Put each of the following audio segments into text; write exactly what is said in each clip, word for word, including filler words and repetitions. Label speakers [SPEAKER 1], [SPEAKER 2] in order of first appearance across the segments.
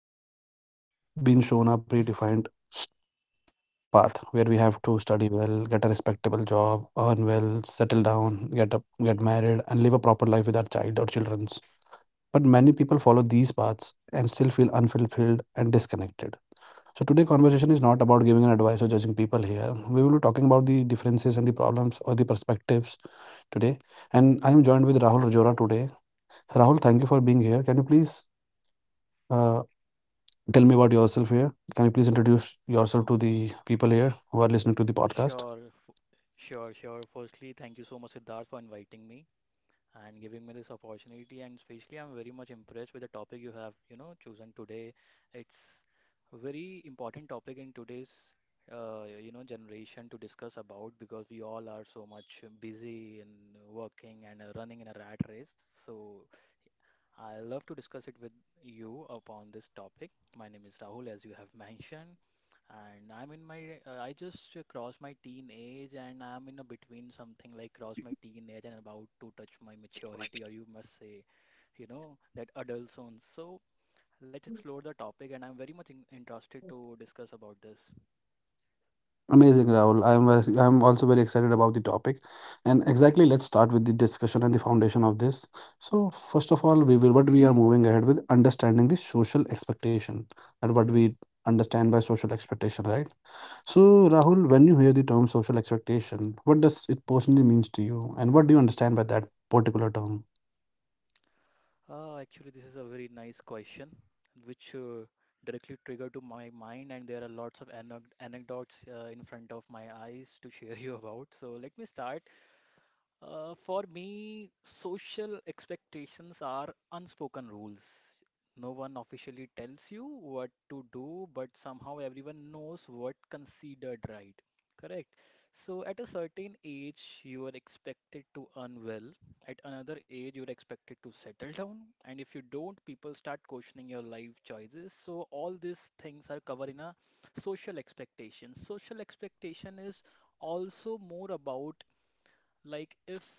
[SPEAKER 1] From child childhood we have seen and we have been shown a predefined path where we have to study well, get a respectable job, earn well, settle down, get up, get married and live a proper life with our child or children's. But many people follow these paths and still feel unfulfilled and disconnected. So today conversation is not about giving an advice or judging people here. We will be talking about the differences and the problems or the perspectives today. And I am joined with Rahul Rajora today. Rahul, thank you for being here. Can you please uh, tell me about yourself here? Can you please introduce yourself to the people here
[SPEAKER 2] Sure,
[SPEAKER 1] who are
[SPEAKER 2] f-
[SPEAKER 1] listening to the
[SPEAKER 2] sure,
[SPEAKER 1] podcast?
[SPEAKER 2] sure. Firstly, thank you so much, Siddharth, for inviting me and giving me this opportunity. And especially, I'm very much impressed with the topic you have, you know, chosen today. It's a very important topic in today's, uh, you know, generation to discuss about because we all are so much busy in working and uh, running in a rat race. So I love to discuss it with you upon this topic. My name is Rahul, as you have mentioned. And I'm in my, uh, I just uh, crossed my teenage and I'm in a between something like cross my teenage and about to touch my maturity, or you must say, you know, that adult zone. So let's explore the topic, and I'm very much in interested to discuss about this.
[SPEAKER 1] Amazing, Rahul. I'm uh, I'm also very excited about the topic, and exactly let's start with the discussion and the foundation of this. So first of all, we will what we are moving ahead with understanding the social expectation and what we understand by social expectation, right? So Rahul, when you hear the term social expectation, what does it personally means to you, and what do you understand by that particular term?
[SPEAKER 2] Uh, actually, this is a very nice question, which uh, directly triggered to my mind, and there are lots of anec anecdotes uh, in front of my eyes to share you about. So let me start. Uh, for me, social expectations are unspoken rules. No one officially tells you what to do, but somehow everyone knows what considered right. Correct. So at a certain age, you are expected to earn well. At another age, you're expected to settle down. And if you don't, people start questioning your life choices. So all these things are covered in a social expectation. Social expectation is also more about like if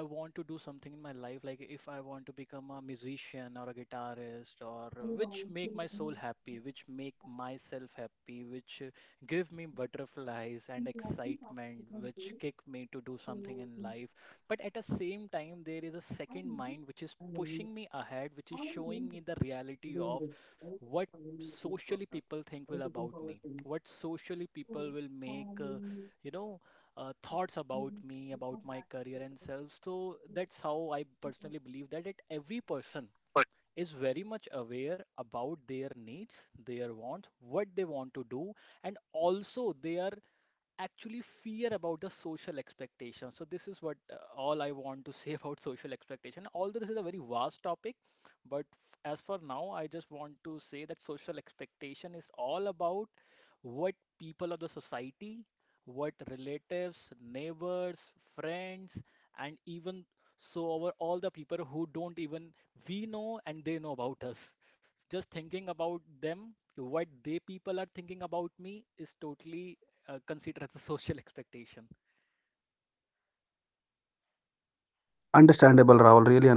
[SPEAKER 2] I want to do something in my life, like if I want to become a musician or a guitarist, or which make my soul happy, which make myself happy, which uh, give me butterflies and excitement, which kick me to do something in life. But at the same time, there is a second mind which is pushing me ahead, which is showing me the reality of what socially people think will about me, what socially people will make, uh, you know uh, thoughts about me, about my career and self. So that's how I personally believe that it, every person is very much aware about their needs, their wants, what they want to do, and also they are actually fear about the social expectation. So this is what uh, all I want to say about social expectation. Although this is a very vast topic, but f- as for now, I just want to say that social expectation is all about what people of the society, what relatives, neighbors, friends, and even so over all the people who don't even we know and they know about us. Just thinking about them, what they people are thinking about me is totally uh, consider as a social expectation.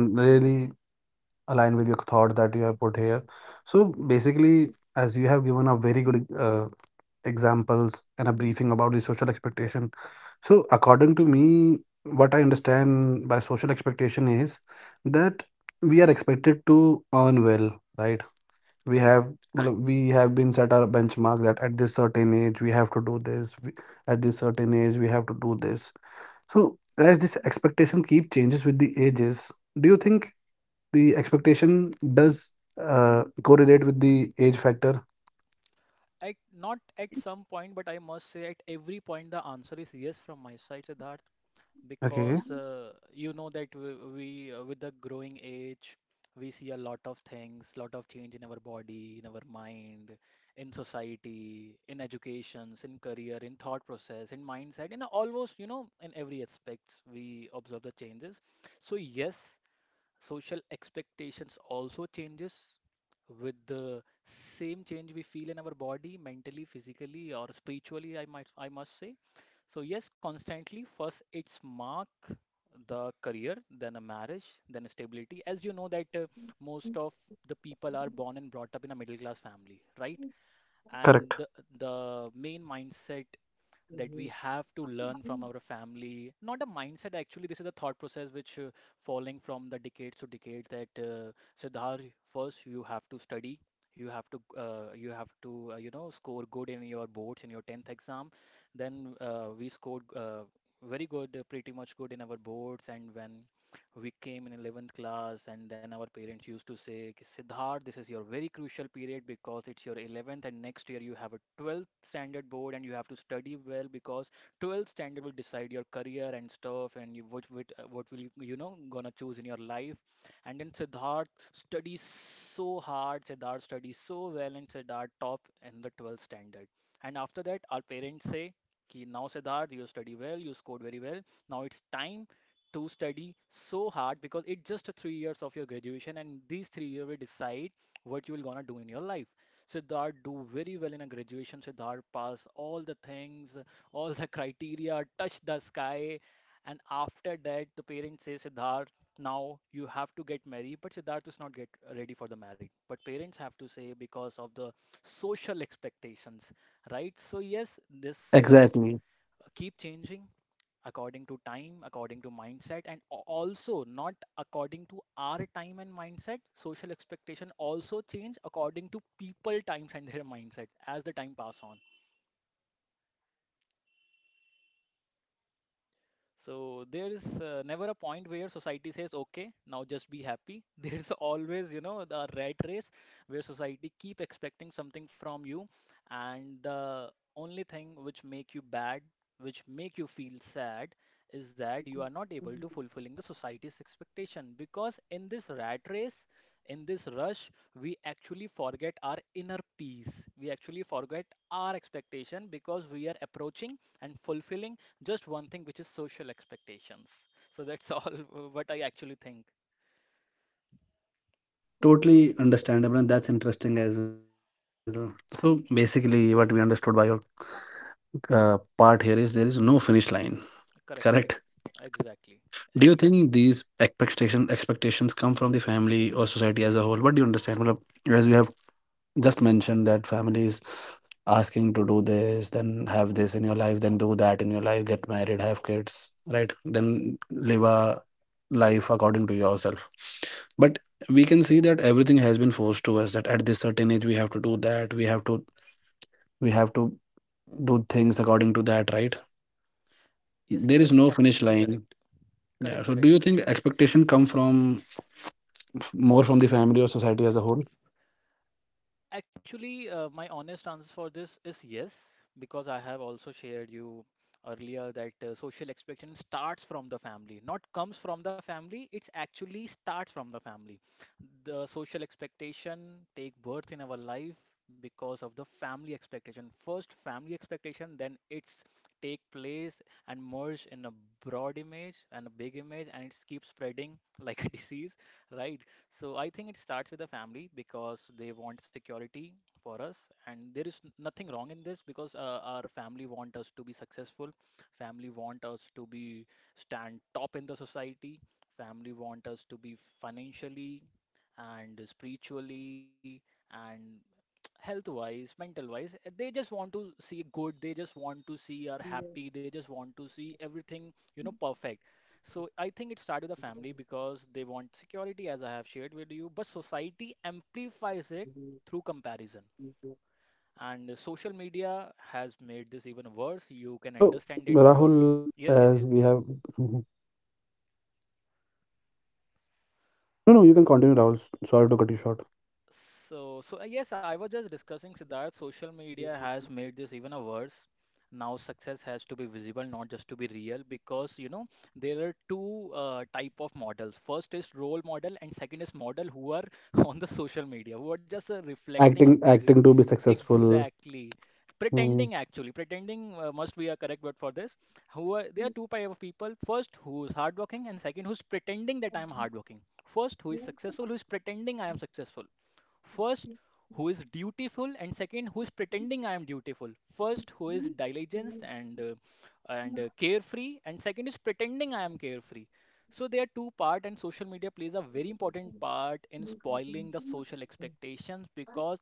[SPEAKER 1] Understandable, Rahul. Really and really align with your thought that you have put here. So basically, as you have given a very good uh, examples and a briefing about the social expectation. So, according to me, what I understand by social expectation is that we are expected to earn well,
[SPEAKER 2] Correct.
[SPEAKER 1] right? We have correct. मतलब we have been set our benchmark that at this certain age we have to do this, we- at this certain age we have to do this. So, as this expectation keep changes with the ages, do you think the expectation does uh, correlate with the age factor?
[SPEAKER 2] At not at some point, but I must say at every point the answer is yes from my side, Siddharth, because uh, you know that
[SPEAKER 1] Okay,
[SPEAKER 2] we, we uh, with the growing age, we see a lot of things, lot of change in our body, in our mind, in society, in educations, in career, in thought process, in mindset, in almost, you know, in every aspects we observe the changes. So yes, social expectations also changes with the same change we feel in our body, mentally, physically, or spiritually, I might, I must say. So yes, constantly, first it's mark the career, then a marriage, then stability. As you know that uh, most of the people are born and brought up in a middle class family, right? And the the main
[SPEAKER 1] correct.
[SPEAKER 2] mindset that we have to learn from our family. Not a mindset, actually, this is a thought process which uh, following from the decades to decades, that uh, Siddhar, first you have to study. You have to, uh, you have to, uh, you know, score good in your boards in your tenth exam. Then uh, we scored uh, very good, uh, pretty much good in our boards. And when we came in eleventh class, and then our parents used to say, "Ki, Siddharth, this is your very crucial period because it's your eleventh and next year you have a twelfth standard board and you have to study well, because twelfth standard will decide your career and stuff and you, what what, uh, what will you, you know, gonna choose in your life." And then Siddharth studies so hard, Siddharth studies so well, and Siddharth top in the twelfth standard. And after that our parents say, "Ki now Siddharth, you study well, you scored very well. Now it's time to study so hard because it's just three years of your graduation and these three years will decide what you will gonna do in your life." Siddharth do very well in a graduation, Siddharth pass all the things, all the criteria, touch the sky. And after that the parents say, Siddharth, now you have to get married, but Siddharth is not get ready for the marriage, but parents have to say because of the social expectations, right? So yes, this uh, keep changing
[SPEAKER 1] Exactly.
[SPEAKER 2] according to time, according to mindset, and a- also not according to our time and mindset. Social expectation also change according to people times and their mindset as the time pass on. So there is uh, never a point where society says, okay, now just be happy. There's always, you know, the rat race where society keep expecting something from you, and the only thing which make you bad, which make you feel sad, is that you are not able to fulfilling the society's expectation. Because in this rat race, in this rush, we actually forget our inner peace. We actually forget our expectation because we are approaching and fulfilling just one thing, which is social expectations. So that's all what I actually think.
[SPEAKER 1] Totally understandable, and that's interesting as well. So basically, what we understood by your uh, part here is there is no finish
[SPEAKER 2] Correct,
[SPEAKER 1] line.
[SPEAKER 2] correct.
[SPEAKER 1] Correct.
[SPEAKER 2] Exactly. Agree.
[SPEAKER 1] Do you think these expectation expectations come from the family or society as a whole? What do you understand? Well, as you have just mentioned that families asking to do this, then have this in your life, then do that in your life, get married, have kids, right? Then live a life according to yourself, but we can see that everything has been forced to us that at this certain age we have to do that, we have to we have to do things according to that, right?
[SPEAKER 2] Yes, that's absolutely correct.
[SPEAKER 1] There is no finish
[SPEAKER 2] Correct, correct.
[SPEAKER 1] line. Yeah, so do you think expectation come from f- more from the family or society as a whole?
[SPEAKER 2] Actually, uh, my honest answer for this is yes, because I have also shared you earlier that uh, social expectation starts from the family, not comes from the family. It's actually starts from the family. The social expectation take birth in our life because of the family expectation. First, family expectation, then it's take place and merge in a broad image and a big image, and it keeps spreading like a disease, right? So I think it starts with the family because they want security for us, and there is n- nothing wrong in this because uh, our family want us to be successful, family want us to be stand top in the society, family want us to be financially and spiritually and health wise, mental wise, uh, they just want to see good, they just want to see our happy, they just want to see everything, you know, perfect. So I think it started with the family because they want security, as I have shared with you, but society amplifies it through comparison. And social media has
[SPEAKER 1] Correct.
[SPEAKER 2] made this even worse. You can
[SPEAKER 1] So,
[SPEAKER 2] understand it because
[SPEAKER 1] Rahul,
[SPEAKER 2] yes, yes,
[SPEAKER 1] as
[SPEAKER 2] yes.
[SPEAKER 1] we have, mhm. No, no, you can continue, Rahul. S- Sorry to cut you short.
[SPEAKER 2] So, so uh, yes, I was just discussing Siddharth. Social media has made this even a worse. Now success has to be visible, not just to be real, because you know there are two uh, type of models. First is role model, and second is model who are on the social media, who are just uh, reflecting a g-.
[SPEAKER 1] Acting, acting to
[SPEAKER 2] Exactly.
[SPEAKER 1] be successful.
[SPEAKER 2] Pretending actually. Pretending uh,
[SPEAKER 1] Hmm.
[SPEAKER 2] must be a correct word for this. Who are there are two type of people. First, who is hardworking, and second, who's pretending that I'm hardworking. First, who is successful, who is pretending I am successful. First, who is dutiful, and second, who is pretending I am dutiful. First, who is diligent and uh, and uh, carefree, and second is pretending I am carefree. So there are two part, and social media plays a very important part in spoiling the social expectations because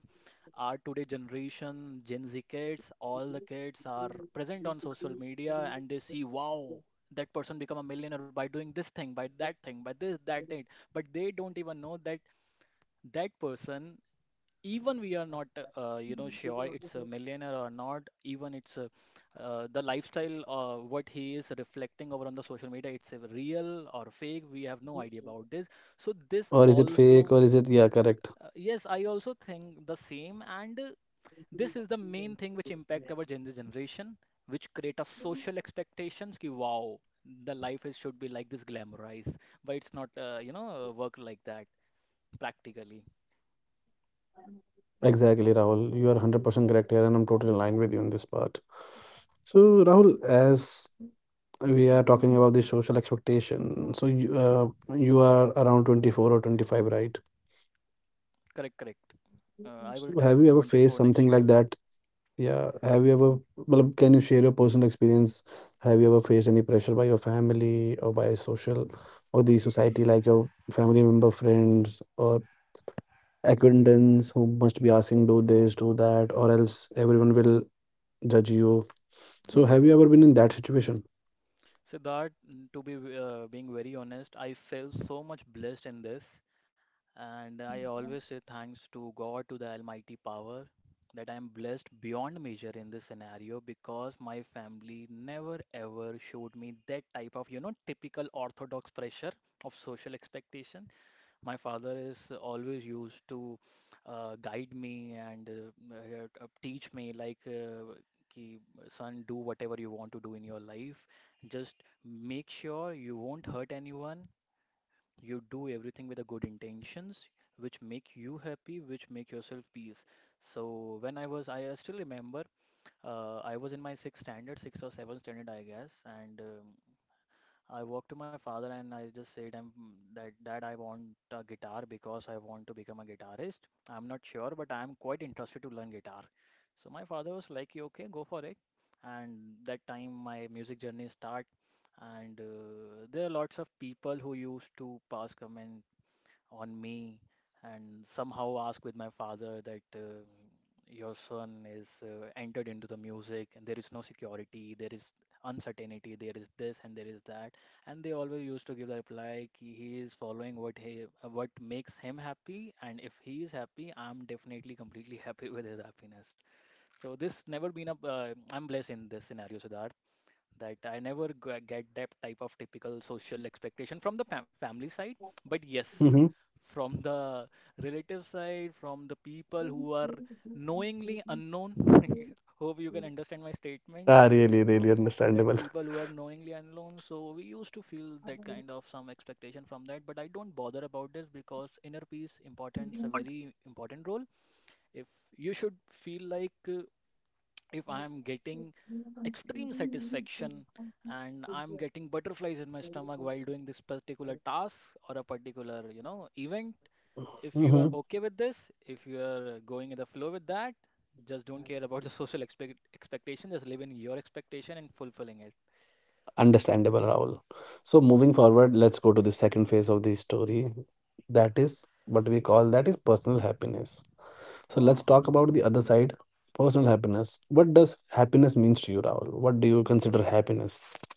[SPEAKER 2] our today generation, Gen Z kids, all the kids are present on social media and they see, wow, that person become a millionaire by doing this thing, by that thing, by this, that thing. But they don't even know that that person, even we are not, uh, you know, sure it's a millionaire or not, even it's a, uh, the lifestyle, uh, what he is reflecting over on the social media, it's a real or fake. We have no idea about this. So this
[SPEAKER 1] Or is it
[SPEAKER 2] also.
[SPEAKER 1] fake, or is it? Yeah,
[SPEAKER 2] Uh,
[SPEAKER 1] correct.
[SPEAKER 2] yes, I also think the same, and uh, this is the main thing which impact our Gen Z generation, which create a social expectations ki wow, the life is should be like this glamorized, but it's not uh, you know uh, work like that practically.
[SPEAKER 1] Exactly, Rahul. You are one hundred percent correct here, and I'm totally aligned with you on this part. So, Rahul, as we are talking about the social expectation, so you, uh, you are around twenty-four or twenty-five, right?
[SPEAKER 2] Correct, correct. Uh, I will turn
[SPEAKER 1] So, have you
[SPEAKER 2] twenty-four
[SPEAKER 1] ever
[SPEAKER 2] next
[SPEAKER 1] faced
[SPEAKER 2] year.
[SPEAKER 1] something like that? Yeah, have you ever, well, can you share your personal experience? Have you ever faced any pressure by your family or by social or the society, like your family member, friends, or acquaintance who must be asking, do this, do that, or else everyone will judge you. So have you ever been in that situation?
[SPEAKER 2] Siddharth, mm, to be uh, being very honest, I feel so much blessed in this. And I always say thanks to God, to the Almighty Power, that I am blessed beyond measure in this scenario because my family never ever showed me that type of, you know, typical orthodox pressure of social expectation. My father is always used to uh, guide me and uh, uh, uh, teach me, like, uh, कि, "Son, do whatever you want to do in your life. Just make sure you won't hurt anyone. You do everything with the good intentions which make you happy, which make yourself peace." So, when I was I still remember, uh, I was in my sixth standard, sixth or seventh standard I guess. And um, I walked to my father and I just said I'm that that I want a guitar because I want to become a guitarist. I'm not sure, but I'm quite interested to learn guitar. So my father was like, "You okay, go for it." And that time my music journey start. And uh, there are lots of people who used to pass comment on me and somehow ask with my father that, uh, "Your son is uh, entered into the music, and there is no security, there is uncertainty, there is this and there is that." And they always used to give the reply ki he is following what he uh, what makes him happy. And if he is happy, I'm definitely completely happy with his happiness. So this never been a uh, I'm blessed in this scenario, Siddharth, that I never g- get that type of typical social expectation from the fam- family side. But yes,
[SPEAKER 1] Mm-hmm.
[SPEAKER 2] from the relative side, from the people who are knowingly unknown. Hope you can understand my statement
[SPEAKER 1] Ah, really,
[SPEAKER 2] th-
[SPEAKER 1] really
[SPEAKER 2] that
[SPEAKER 1] understandable.
[SPEAKER 2] people who are knowingly unknown. So we used to feel that kind of some expectation from that, but I don't bother about this because inner peace importance a very important role. If you should feel like, uh, if I am getting extreme satisfaction and I'm getting butterflies in my stomach while doing this particular task or a particular, you know, event, if you are
[SPEAKER 1] Mm-hmm.
[SPEAKER 2] okay with this, if you are going in the flow with that, just don't care about the social expect expectation. Just live in your expectation and fulfilling it.
[SPEAKER 1] Understandable, Rahul. So moving forward, let's go to the second phase of the story. That is what we call that is personal happiness. So
[SPEAKER 2] Wow.
[SPEAKER 1] let's talk about the other side, personal happiness. What does happiness means to you, Rahul? What do you consider happiness?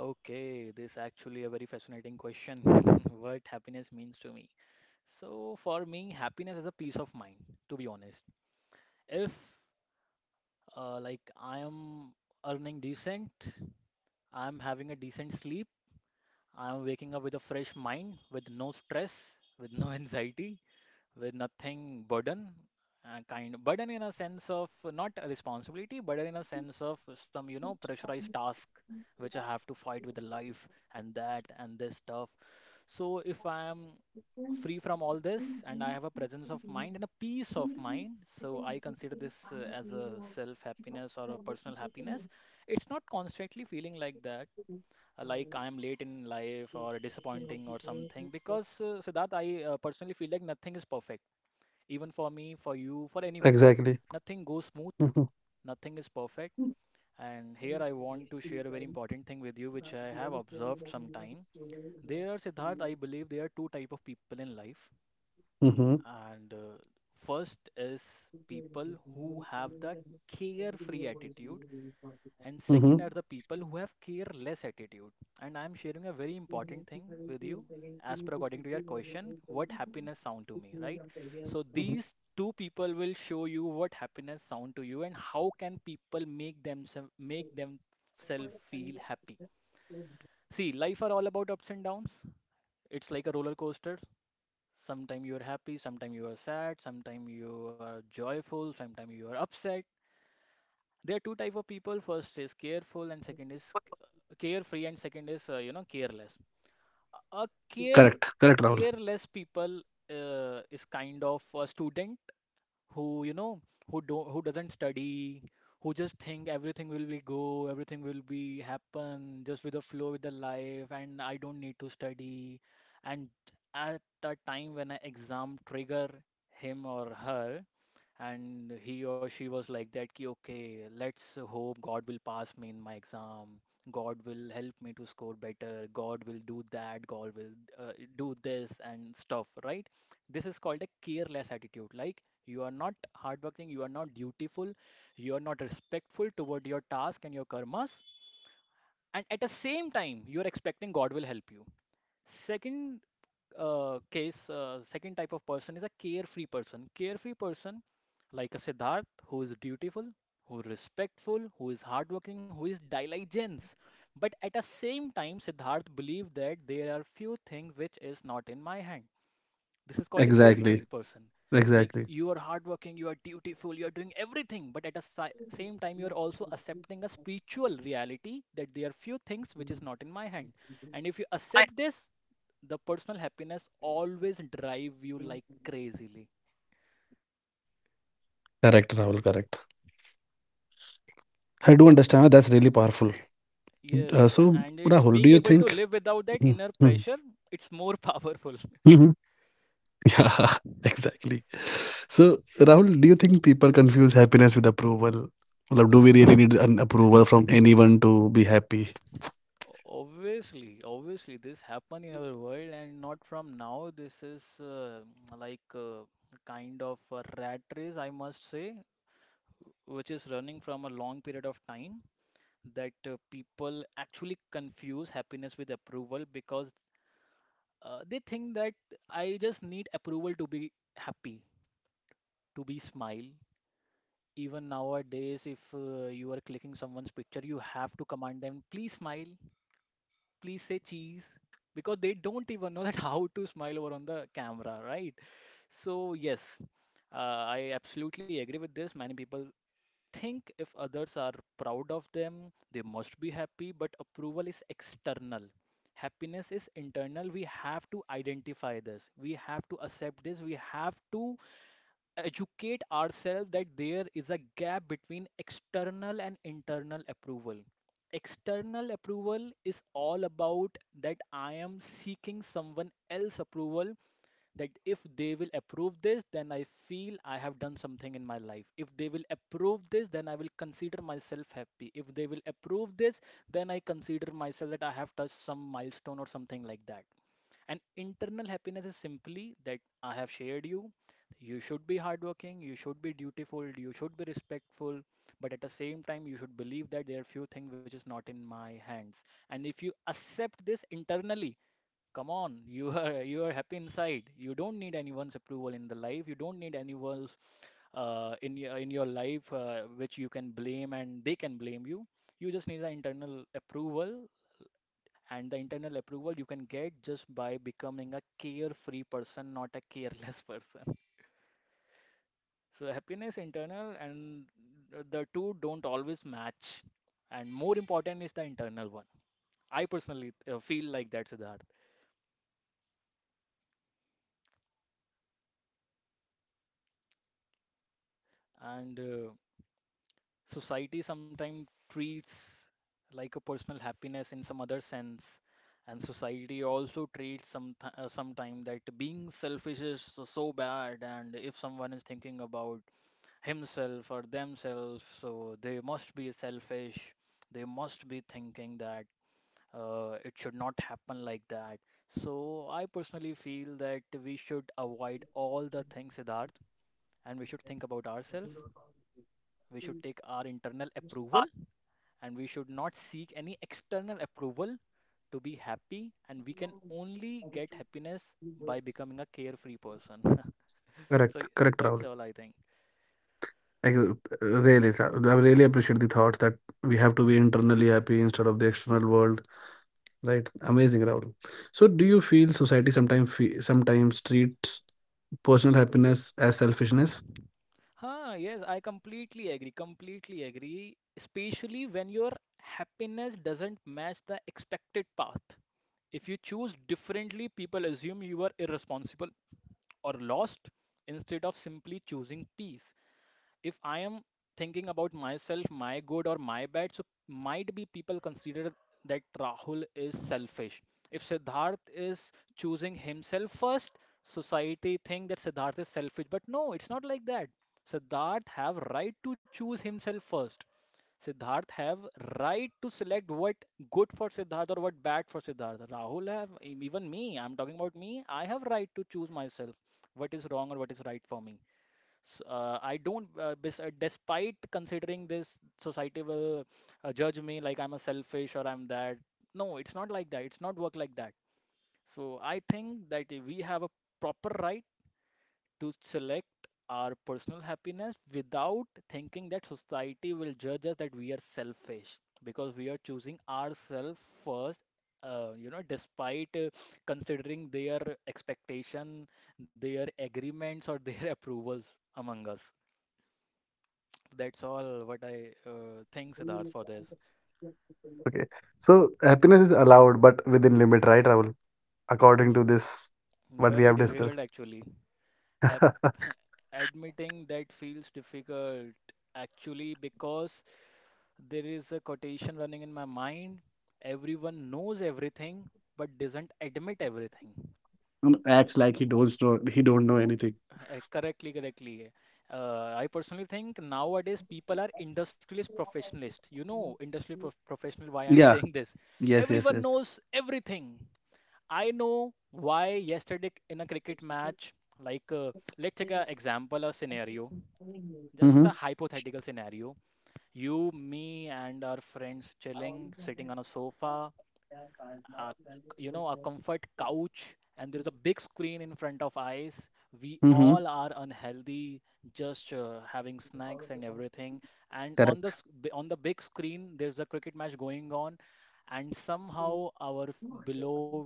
[SPEAKER 2] Okay, this actually a very fascinating question. What happiness means to me. So for me, happiness is a peace of mind, to be honest. If Uh, like, I am earning decent, I am having a decent sleep, I am waking up with a fresh mind, with no stress, with no anxiety, with nothing burden, uh, kind burden in a sense of not a responsibility, burden in a sense of some, you know, pressurized task which I have to fight with the life and that and this stuff. So if I am free from all this and I have a presence of mind and a peace of mind, so I consider this uh, as a self happiness or a personal happiness. It's not constantly feeling like that, uh, like I am late in life or disappointing or something, because, uh, Siddharth, I, uh, personally feel like nothing is perfect, even for me, for you, for anyone.
[SPEAKER 1] Exactly.
[SPEAKER 2] Nothing goes smooth,
[SPEAKER 1] Mm-hmm.
[SPEAKER 2] nothing is perfect. And here I want to share a very important thing with you, which I have observed sometime. There, Siddharth, I believe there are two type of people in life.
[SPEAKER 1] Mm-hmm.
[SPEAKER 2] And uh, first is people who have the carefree attitude, and
[SPEAKER 1] Mm-hmm.
[SPEAKER 2] second are the people who have careless attitude. And I'm sharing a very important thing with you as per according to your question, what happiness sound to me, right? So these two people will show you what happiness sound to you and how can people make themselves make themselves feel happy. See, life are all about ups and downs. It's like a roller coaster. Sometime you are happy, sometime you are sad, sometime you are joyful, sometime you are upset. There are two type of people. First is careful and second is uh, carefree, and second is uh, you know careless. A care
[SPEAKER 1] Correct. Correct, Rahul.
[SPEAKER 2] careless people uh, is kind of a student who, you know who don't who doesn't study, who just think everything will be go everything will be happen just with the flow with the life, and I don't need to study. And at a time when an exam trigger him or her, and he or she was like that ki, "Okay, let's hope God will pass me in my exam. God will help me to score better. God will do that. God will, uh, do this and stuff," right? This is called a careless attitude. Like, you are not hardworking, you are not dutiful, you are not respectful toward your task and your karmas, and at the same time you are expecting God will help you. Second uh, case, uh, second type of person is a carefree person. Carefree person, like a Siddharth, who is dutiful, who is respectful, who is hardworking, who is diligence. But at the same time, Siddharth believed that there are few things which is not in my hand. This is called a
[SPEAKER 1] Exactly.
[SPEAKER 2] carefree person. Like,
[SPEAKER 1] Exactly.
[SPEAKER 2] you are hardworking, you are dutiful, you are doing everything, but at the si- same time, you are also accepting a spiritual reality that there are few things which is not in my hand. And if you accept this, the personal happiness always drive you like crazily.
[SPEAKER 1] Correct, Rahul. Correct. I do understand. That's really powerful. Uh, so,
[SPEAKER 2] Yes,
[SPEAKER 1] Rahul, do you
[SPEAKER 2] and
[SPEAKER 1] think?
[SPEAKER 2] it's being able to
[SPEAKER 1] Mhm.
[SPEAKER 2] live without
[SPEAKER 1] Mhm.
[SPEAKER 2] that inner pressure. It's more powerful.
[SPEAKER 1] Yeah, exactly. So, Rahul, do you think people confuse happiness with approval? Well, do we really need an approval from anyone to be happy?
[SPEAKER 2] Obviously, obviously, this happened in our world, and not from now. This is uh, like a kind of a rat race, I must say, which is running from a long period of time, that uh, people actually confuse happiness with approval because uh, they think that, "I just need approval to be happy, to be smile." Even nowadays, if uh, you are clicking someone's picture, you have to command them, "Please smile. Please say cheese,"
[SPEAKER 1] Correct.
[SPEAKER 2] because they don't
[SPEAKER 1] Yeah.
[SPEAKER 2] even know that how to smile over on the camera, right? So yes,
[SPEAKER 1] Yeah.
[SPEAKER 2] uh, I absolutely agree with this. Many people think if others are proud of them, they must be happy. But approval is external, happiness is internal. We have to
[SPEAKER 1] Internal, right?
[SPEAKER 2] identify this, we have to accept this,
[SPEAKER 1] Correct.
[SPEAKER 2] we have to educate ourselves that there is a gap between external and internal approval. External approval is all about that I am seeking someone else approval, that if they will approve this, then I feel I have done something in my life. If they will approve this, then I will consider myself happy. If they will approve this, then I consider myself that I have touched some milestone or something like that. And internal happiness is simply that I have shared you. You should be hardworking, you should be dutiful, you should be respectful, but at the same time, you should believe that there are few things which is not in my hands. And if you accept this internally, come on, you
[SPEAKER 1] Hmm.
[SPEAKER 2] are you are happy inside. You don't need anyone's approval in the life. You don't need
[SPEAKER 1] Exactly.
[SPEAKER 2] anyone's uh, in your in your life, uh, which you can blame and they can blame you. You just need the internal approval, and the internal approval you can get just by becoming a carefree person, not a careless person.
[SPEAKER 1] Understandable,
[SPEAKER 2] So
[SPEAKER 1] Rahul.
[SPEAKER 2] happiness internal, and the two don't always match, and more important is the internal one. I personally uh, feel like that, Siddharth.
[SPEAKER 1] If a person is internally happy in his mindset, right, is totally happy, then he don't care about the external world.
[SPEAKER 2] And uh, society sometimes treats like a personal happiness in some other sense. And society also treats some uh, sometime that being selfish is so, so bad, and if someone is thinking about himself or themselves. So they must be selfish. They must be thinking that, uh, it should not happen like that. So I personally feel that we should avoid all the things, Siddharth, and we should think about ourselves. We should take our internal approval, and we should not seek any external approval to be happy. And we can only get happiness by becoming a carefree person.
[SPEAKER 1] Correct,
[SPEAKER 2] So
[SPEAKER 1] correct, Rahul.
[SPEAKER 2] that's all I think.
[SPEAKER 1] I uh, really, I really appreciate the thoughts that we have to be internally happy instead of the external world. Right, amazing, Rahul. So, do you feel society sometimes fe- sometimes treats personal happiness as selfishness?
[SPEAKER 2] Huh, yes, I completely agree. Completely agree. Especially when your happiness doesn't match the expected path. If you choose differently, people assume you are irresponsible or lost instead of simply choosing peace. If I am thinking about myself, my good or my bad, so might be people consider that Rahul is selfish. If Siddharth is choosing himself first, society think that Siddharth is selfish. But no, it's not like that. Siddharth have right to choose himself first. Siddharth have right to select what good for Siddharth or what bad for Siddharth. Rahul have, even me, I'm talking about me. I have right to choose myself, what is wrong or what is right for me. S- uh, I don't, uh, bes- uh, Despite considering this, society will uh, judge me like I'm a selfish or I'm that. No, it's not like that. It's not work like that. So I think that we have a proper right to select our personal happiness without thinking that society will judge us that we are selfish because we are choosing ourselves first. Uh, you know, despite uh, considering their expectation, their agreements or their approvals among us. That's all what I uh, think, Siddharth, for this.
[SPEAKER 1] Okay. So happiness is allowed, but within limit, right, Rahul?
[SPEAKER 2] Uh,
[SPEAKER 1] According to this, what we
[SPEAKER 2] Very
[SPEAKER 1] have
[SPEAKER 2] difficult,
[SPEAKER 1] discussed.
[SPEAKER 2] actually. Hap Admitting that feels difficult, actually, because there is a quotation running in my mind. Everyone knows everything, but doesn't admit everything.
[SPEAKER 1] Um, acts like he don't know he don't know anything.
[SPEAKER 2] Uh, correctly, correctly. Uh, I personally think nowadays people are industrialist professionalists. You know, industrial prof professional, why I'm
[SPEAKER 1] Yeah.
[SPEAKER 2] saying this.
[SPEAKER 1] Yes. Yes.
[SPEAKER 2] Everyone
[SPEAKER 1] Yes.
[SPEAKER 2] knows everything. I know why yesterday in a cricket match, like uh, let's take an example, a scenario, just
[SPEAKER 1] Mm-hmm.
[SPEAKER 2] a hypothetical scenario. You, me, and our friends chilling, sitting on a sofa, a you know a comfort couch, and there's a big screen in front of eyes. We
[SPEAKER 1] Mm-hmm.
[SPEAKER 2] all are unhealthy, just uh, having snacks and everything, and on the
[SPEAKER 1] Correct.
[SPEAKER 2] s- b- on the big screen there's a cricket match going on, and somehow our f- below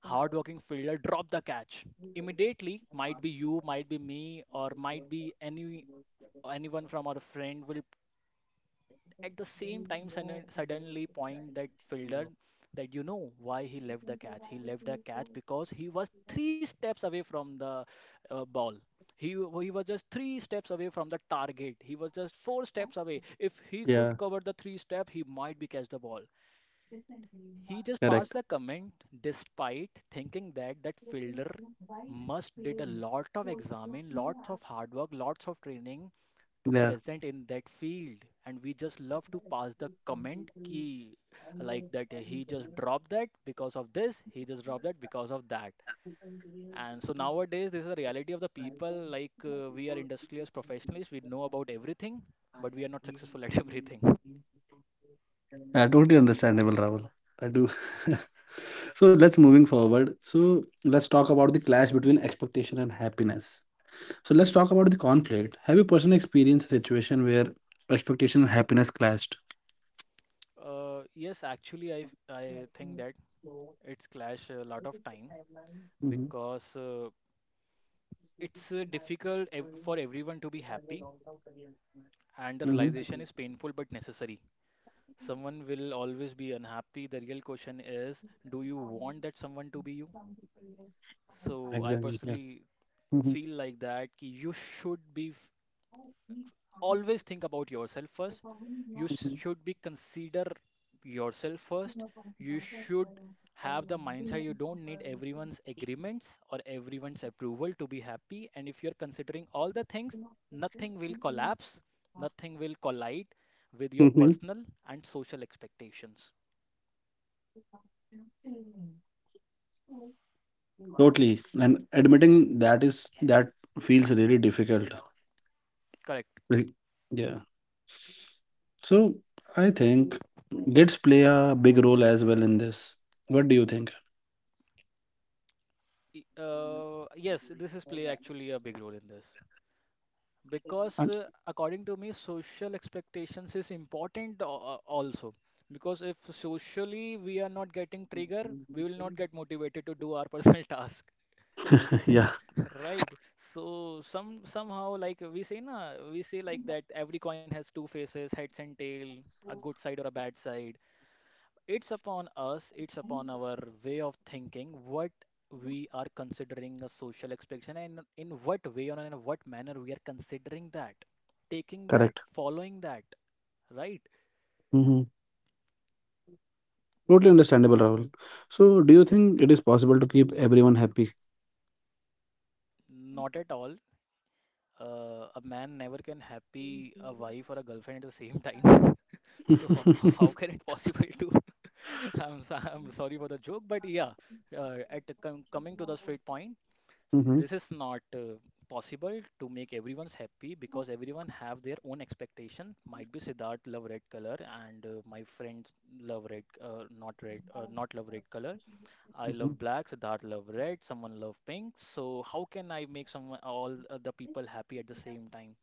[SPEAKER 2] hardworking fielder dropped the catch. Immediately, might be you, might be me, or might be any anyone from our friend will, at the same time, sudden- suddenly point that fielder, that you know why he left the catch. He left the catch because he was three steps away from the uh, ball. He, w- he was just three steps away from the target. He was just four steps away. If he could
[SPEAKER 1] Yeah.
[SPEAKER 2] cover the three step, he might be catch the ball. He just passed
[SPEAKER 1] Correct.
[SPEAKER 2] the comment despite thinking that that fielder must did a lot of examine, lots of hard work, lots of training to
[SPEAKER 1] Yeah.
[SPEAKER 2] present in that field, and we just love to pass the comment key like that: he just dropped that because of this, he just dropped that because of that. And so nowadays this is the reality of the people, like uh, we are industrious professionals, we know about everything but we are not successful at everything.
[SPEAKER 1] Uh, totally understandable, Rahul. I do. So let's moving forward. So let's talk about the clash between expectation and happiness. So let's talk about the conflict. Have you personally experienced a situation where expectation and happiness clashed?
[SPEAKER 2] Uh, yes, actually, i i think that it's clash a lot of time,
[SPEAKER 1] Mm-hmm.
[SPEAKER 2] because uh, it's uh, difficult ev- for everyone to be happy, and the
[SPEAKER 1] Mm-hmm.
[SPEAKER 2] realization is painful but necessary. Someone will always be unhappy. The real question is, do you want that someone to be you? So I
[SPEAKER 1] Exactly. Yeah.
[SPEAKER 2] personally
[SPEAKER 1] Mm-hmm.
[SPEAKER 2] feel like that कि you should be f- always think about yourself first. You sh- should be consider yourself first. You should have the mindset you don't need everyone's agreements or everyone's approval to be happy. And if you're considering all the things, nothing will collapse, nothing will collide with your personal and social expectations.
[SPEAKER 1] Totally. And admitting that is that feels really difficult.
[SPEAKER 2] Correct.
[SPEAKER 1] Like, yeah. So I think kids play a big role as well in this. What do you think?
[SPEAKER 2] E- Uh, yes, this is play actually a big role in this, because
[SPEAKER 1] And—
[SPEAKER 2] uh, according to me, social expectations is important uh, also, because if socially we are not getting trigger, we will not get motivated to do our personal task.
[SPEAKER 1] yeah,
[SPEAKER 2] Right. So some somehow, like we say na, we say like that every coin has two faces, heads and tail, a good side or a bad side. It's upon us, it's upon our way of thinking, what we are considering a social expectation, and in what way or in what manner we are considering that, taking that,
[SPEAKER 1] correct.
[SPEAKER 2] following that, right?
[SPEAKER 1] Hmm. Totally understandable, Rahul. So do you think it is possible to keep everyone happy?
[SPEAKER 2] Not at all. Uh, a man never can happy a wife or a girlfriend at the same time. So how
[SPEAKER 1] Hmm.
[SPEAKER 2] can it possible to? I'm, so- I'm sorry for the joke, but yeah, uh, at the com coming to the straight point, so,
[SPEAKER 1] Hmm.
[SPEAKER 2] this is not uh, possible to make everyone's happy, because everyone have their own expectation. Might be Siddharth love red color, and uh, my friends love red, uh, not red, uh, not love red color. I love black, Siddharth love red, someone love pink. So how can I make someone, all uh, the people happy at the same time?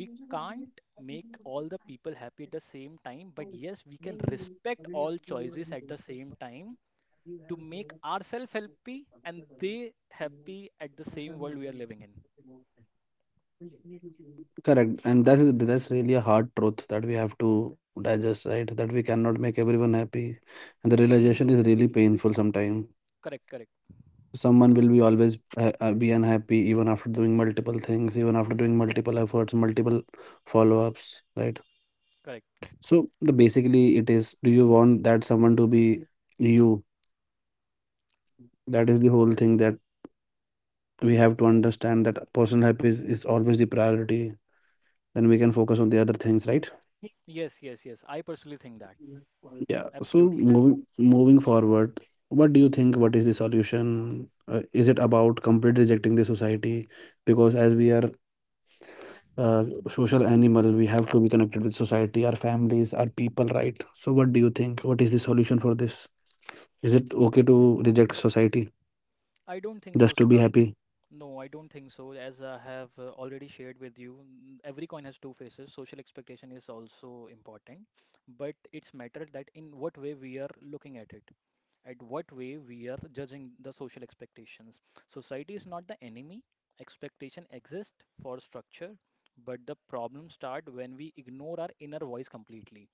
[SPEAKER 2] We can't make all the people happy at the same time, but yes, we can respect all choices at the same time, to make ourselves happy and they happy at the same world we are living in.
[SPEAKER 1] Correct. And that's that's really a hard truth that we have to digest, right? That we cannot make everyone happy. And the realization is really painful sometimes.
[SPEAKER 2] Correct, correct,
[SPEAKER 1] Someone will be always uh, uh, be unhappy even after doing multiple things, even after doing multiple efforts, multiple follow-ups, right?
[SPEAKER 2] correct.
[SPEAKER 1] So the basically it is, do you want that someone to be you? That is the whole thing, that we have to understand that personal happiness is always the priority, then we can focus on the other things, right?
[SPEAKER 2] Yes, yes, yes, I personally think that.
[SPEAKER 1] Yeah, so
[SPEAKER 2] Absolutely.
[SPEAKER 1] moving moving forward, what do you think, what is the solution? Uh, is it about complete rejecting the society, because as we are uh, social animal. We have to be connected with society, our families, our people, right? So, what do you think? What is the solution for this? Is it okay to reject society
[SPEAKER 2] I don't think
[SPEAKER 1] just
[SPEAKER 2] so,
[SPEAKER 1] to be
[SPEAKER 2] Siddharth.
[SPEAKER 1] happy?
[SPEAKER 2] No, I don't think so. As I have uh, already shared with you, n- every coin has two faces. Social expectation is also important, but it's matter that in what way we are looking at it, at what way we are judging the social expectations. Society is not the enemy. Expectation exists for structure, but the problem start when we ignore our inner voice completely.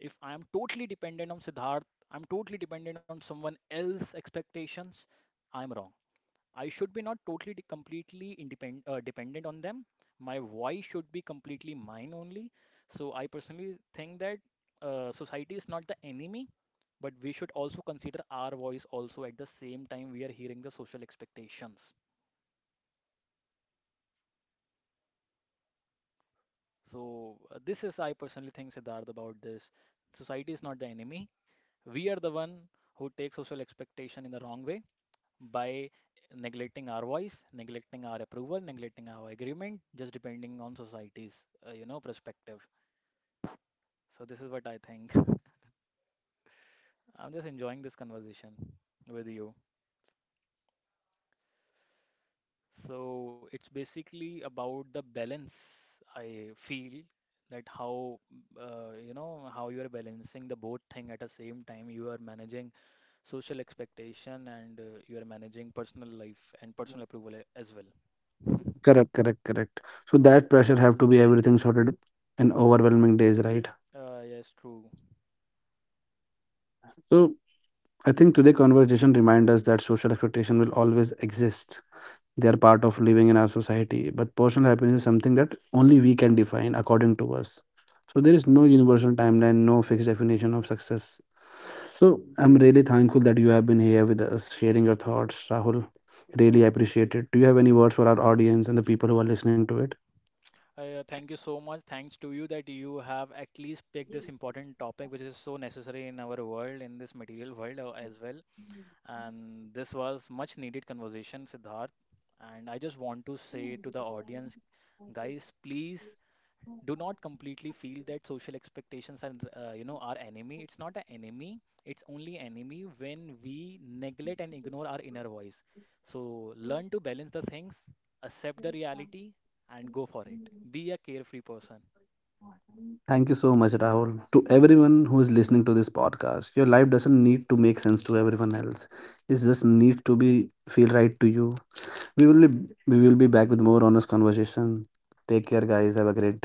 [SPEAKER 2] If I am totally dependent on Siddharth, I'm totally dependent on someone else's expectations, I'm wrong. I should be not totally de- completely independent uh, dependent on them. My voice should be completely mine only. So I personally think that uh, society is not the enemy, but we should also consider our voice also at the same time we are hearing the social expectations. So uh, this is I personally think, Siddharth, about this. Society is not the enemy. We are the one who take social expectation in the wrong way by neglecting our voice, neglecting our approval, neglecting our agreement, just depending on society's, uh, you know, perspective. So this is what I think. I'm just enjoying this conversation with you. So it's basically about the balance. I feel that how uh, you know how you are balancing the both thing at the same time. You are managing social expectation, and uh, you are managing personal life and personal approval a- as well.
[SPEAKER 1] Correct, correct, correct. So that pressure have to be everything sorted in overwhelming days, right?
[SPEAKER 2] Uh, yes, true.
[SPEAKER 1] So I think today conversation remind us that social expectation will always exist. They are part of living in our society, but personal happiness is something that only we can define according to us. So there is no universal timeline, no fixed definition of success. So I'm really thankful that you have been here with us sharing your thoughts, Rahul. Really appreciate it. Do you have any words for our audience and the people who are listening to it?
[SPEAKER 2] Uh, thank you so much. Thanks to you that you have at least picked this important topic, which is so necessary in our world, in this material world uh, as well. And this was much needed conversation, Siddharth. And I just want to say to the audience, guys, please do not completely feel that social expectations are uh, you know our enemy. It's not an enemy, it's only enemy when we neglect and ignore our inner voice. So learn to balance the things, accept the reality, and go for it. Be a carefree person.
[SPEAKER 1] Thank you so much, Rahul. To everyone who is listening to this podcast, your life doesn't need to make sense to everyone else. It just needs to be, feel right to you. We will be we will be back with more honest conversation. Take care guys, have a great day.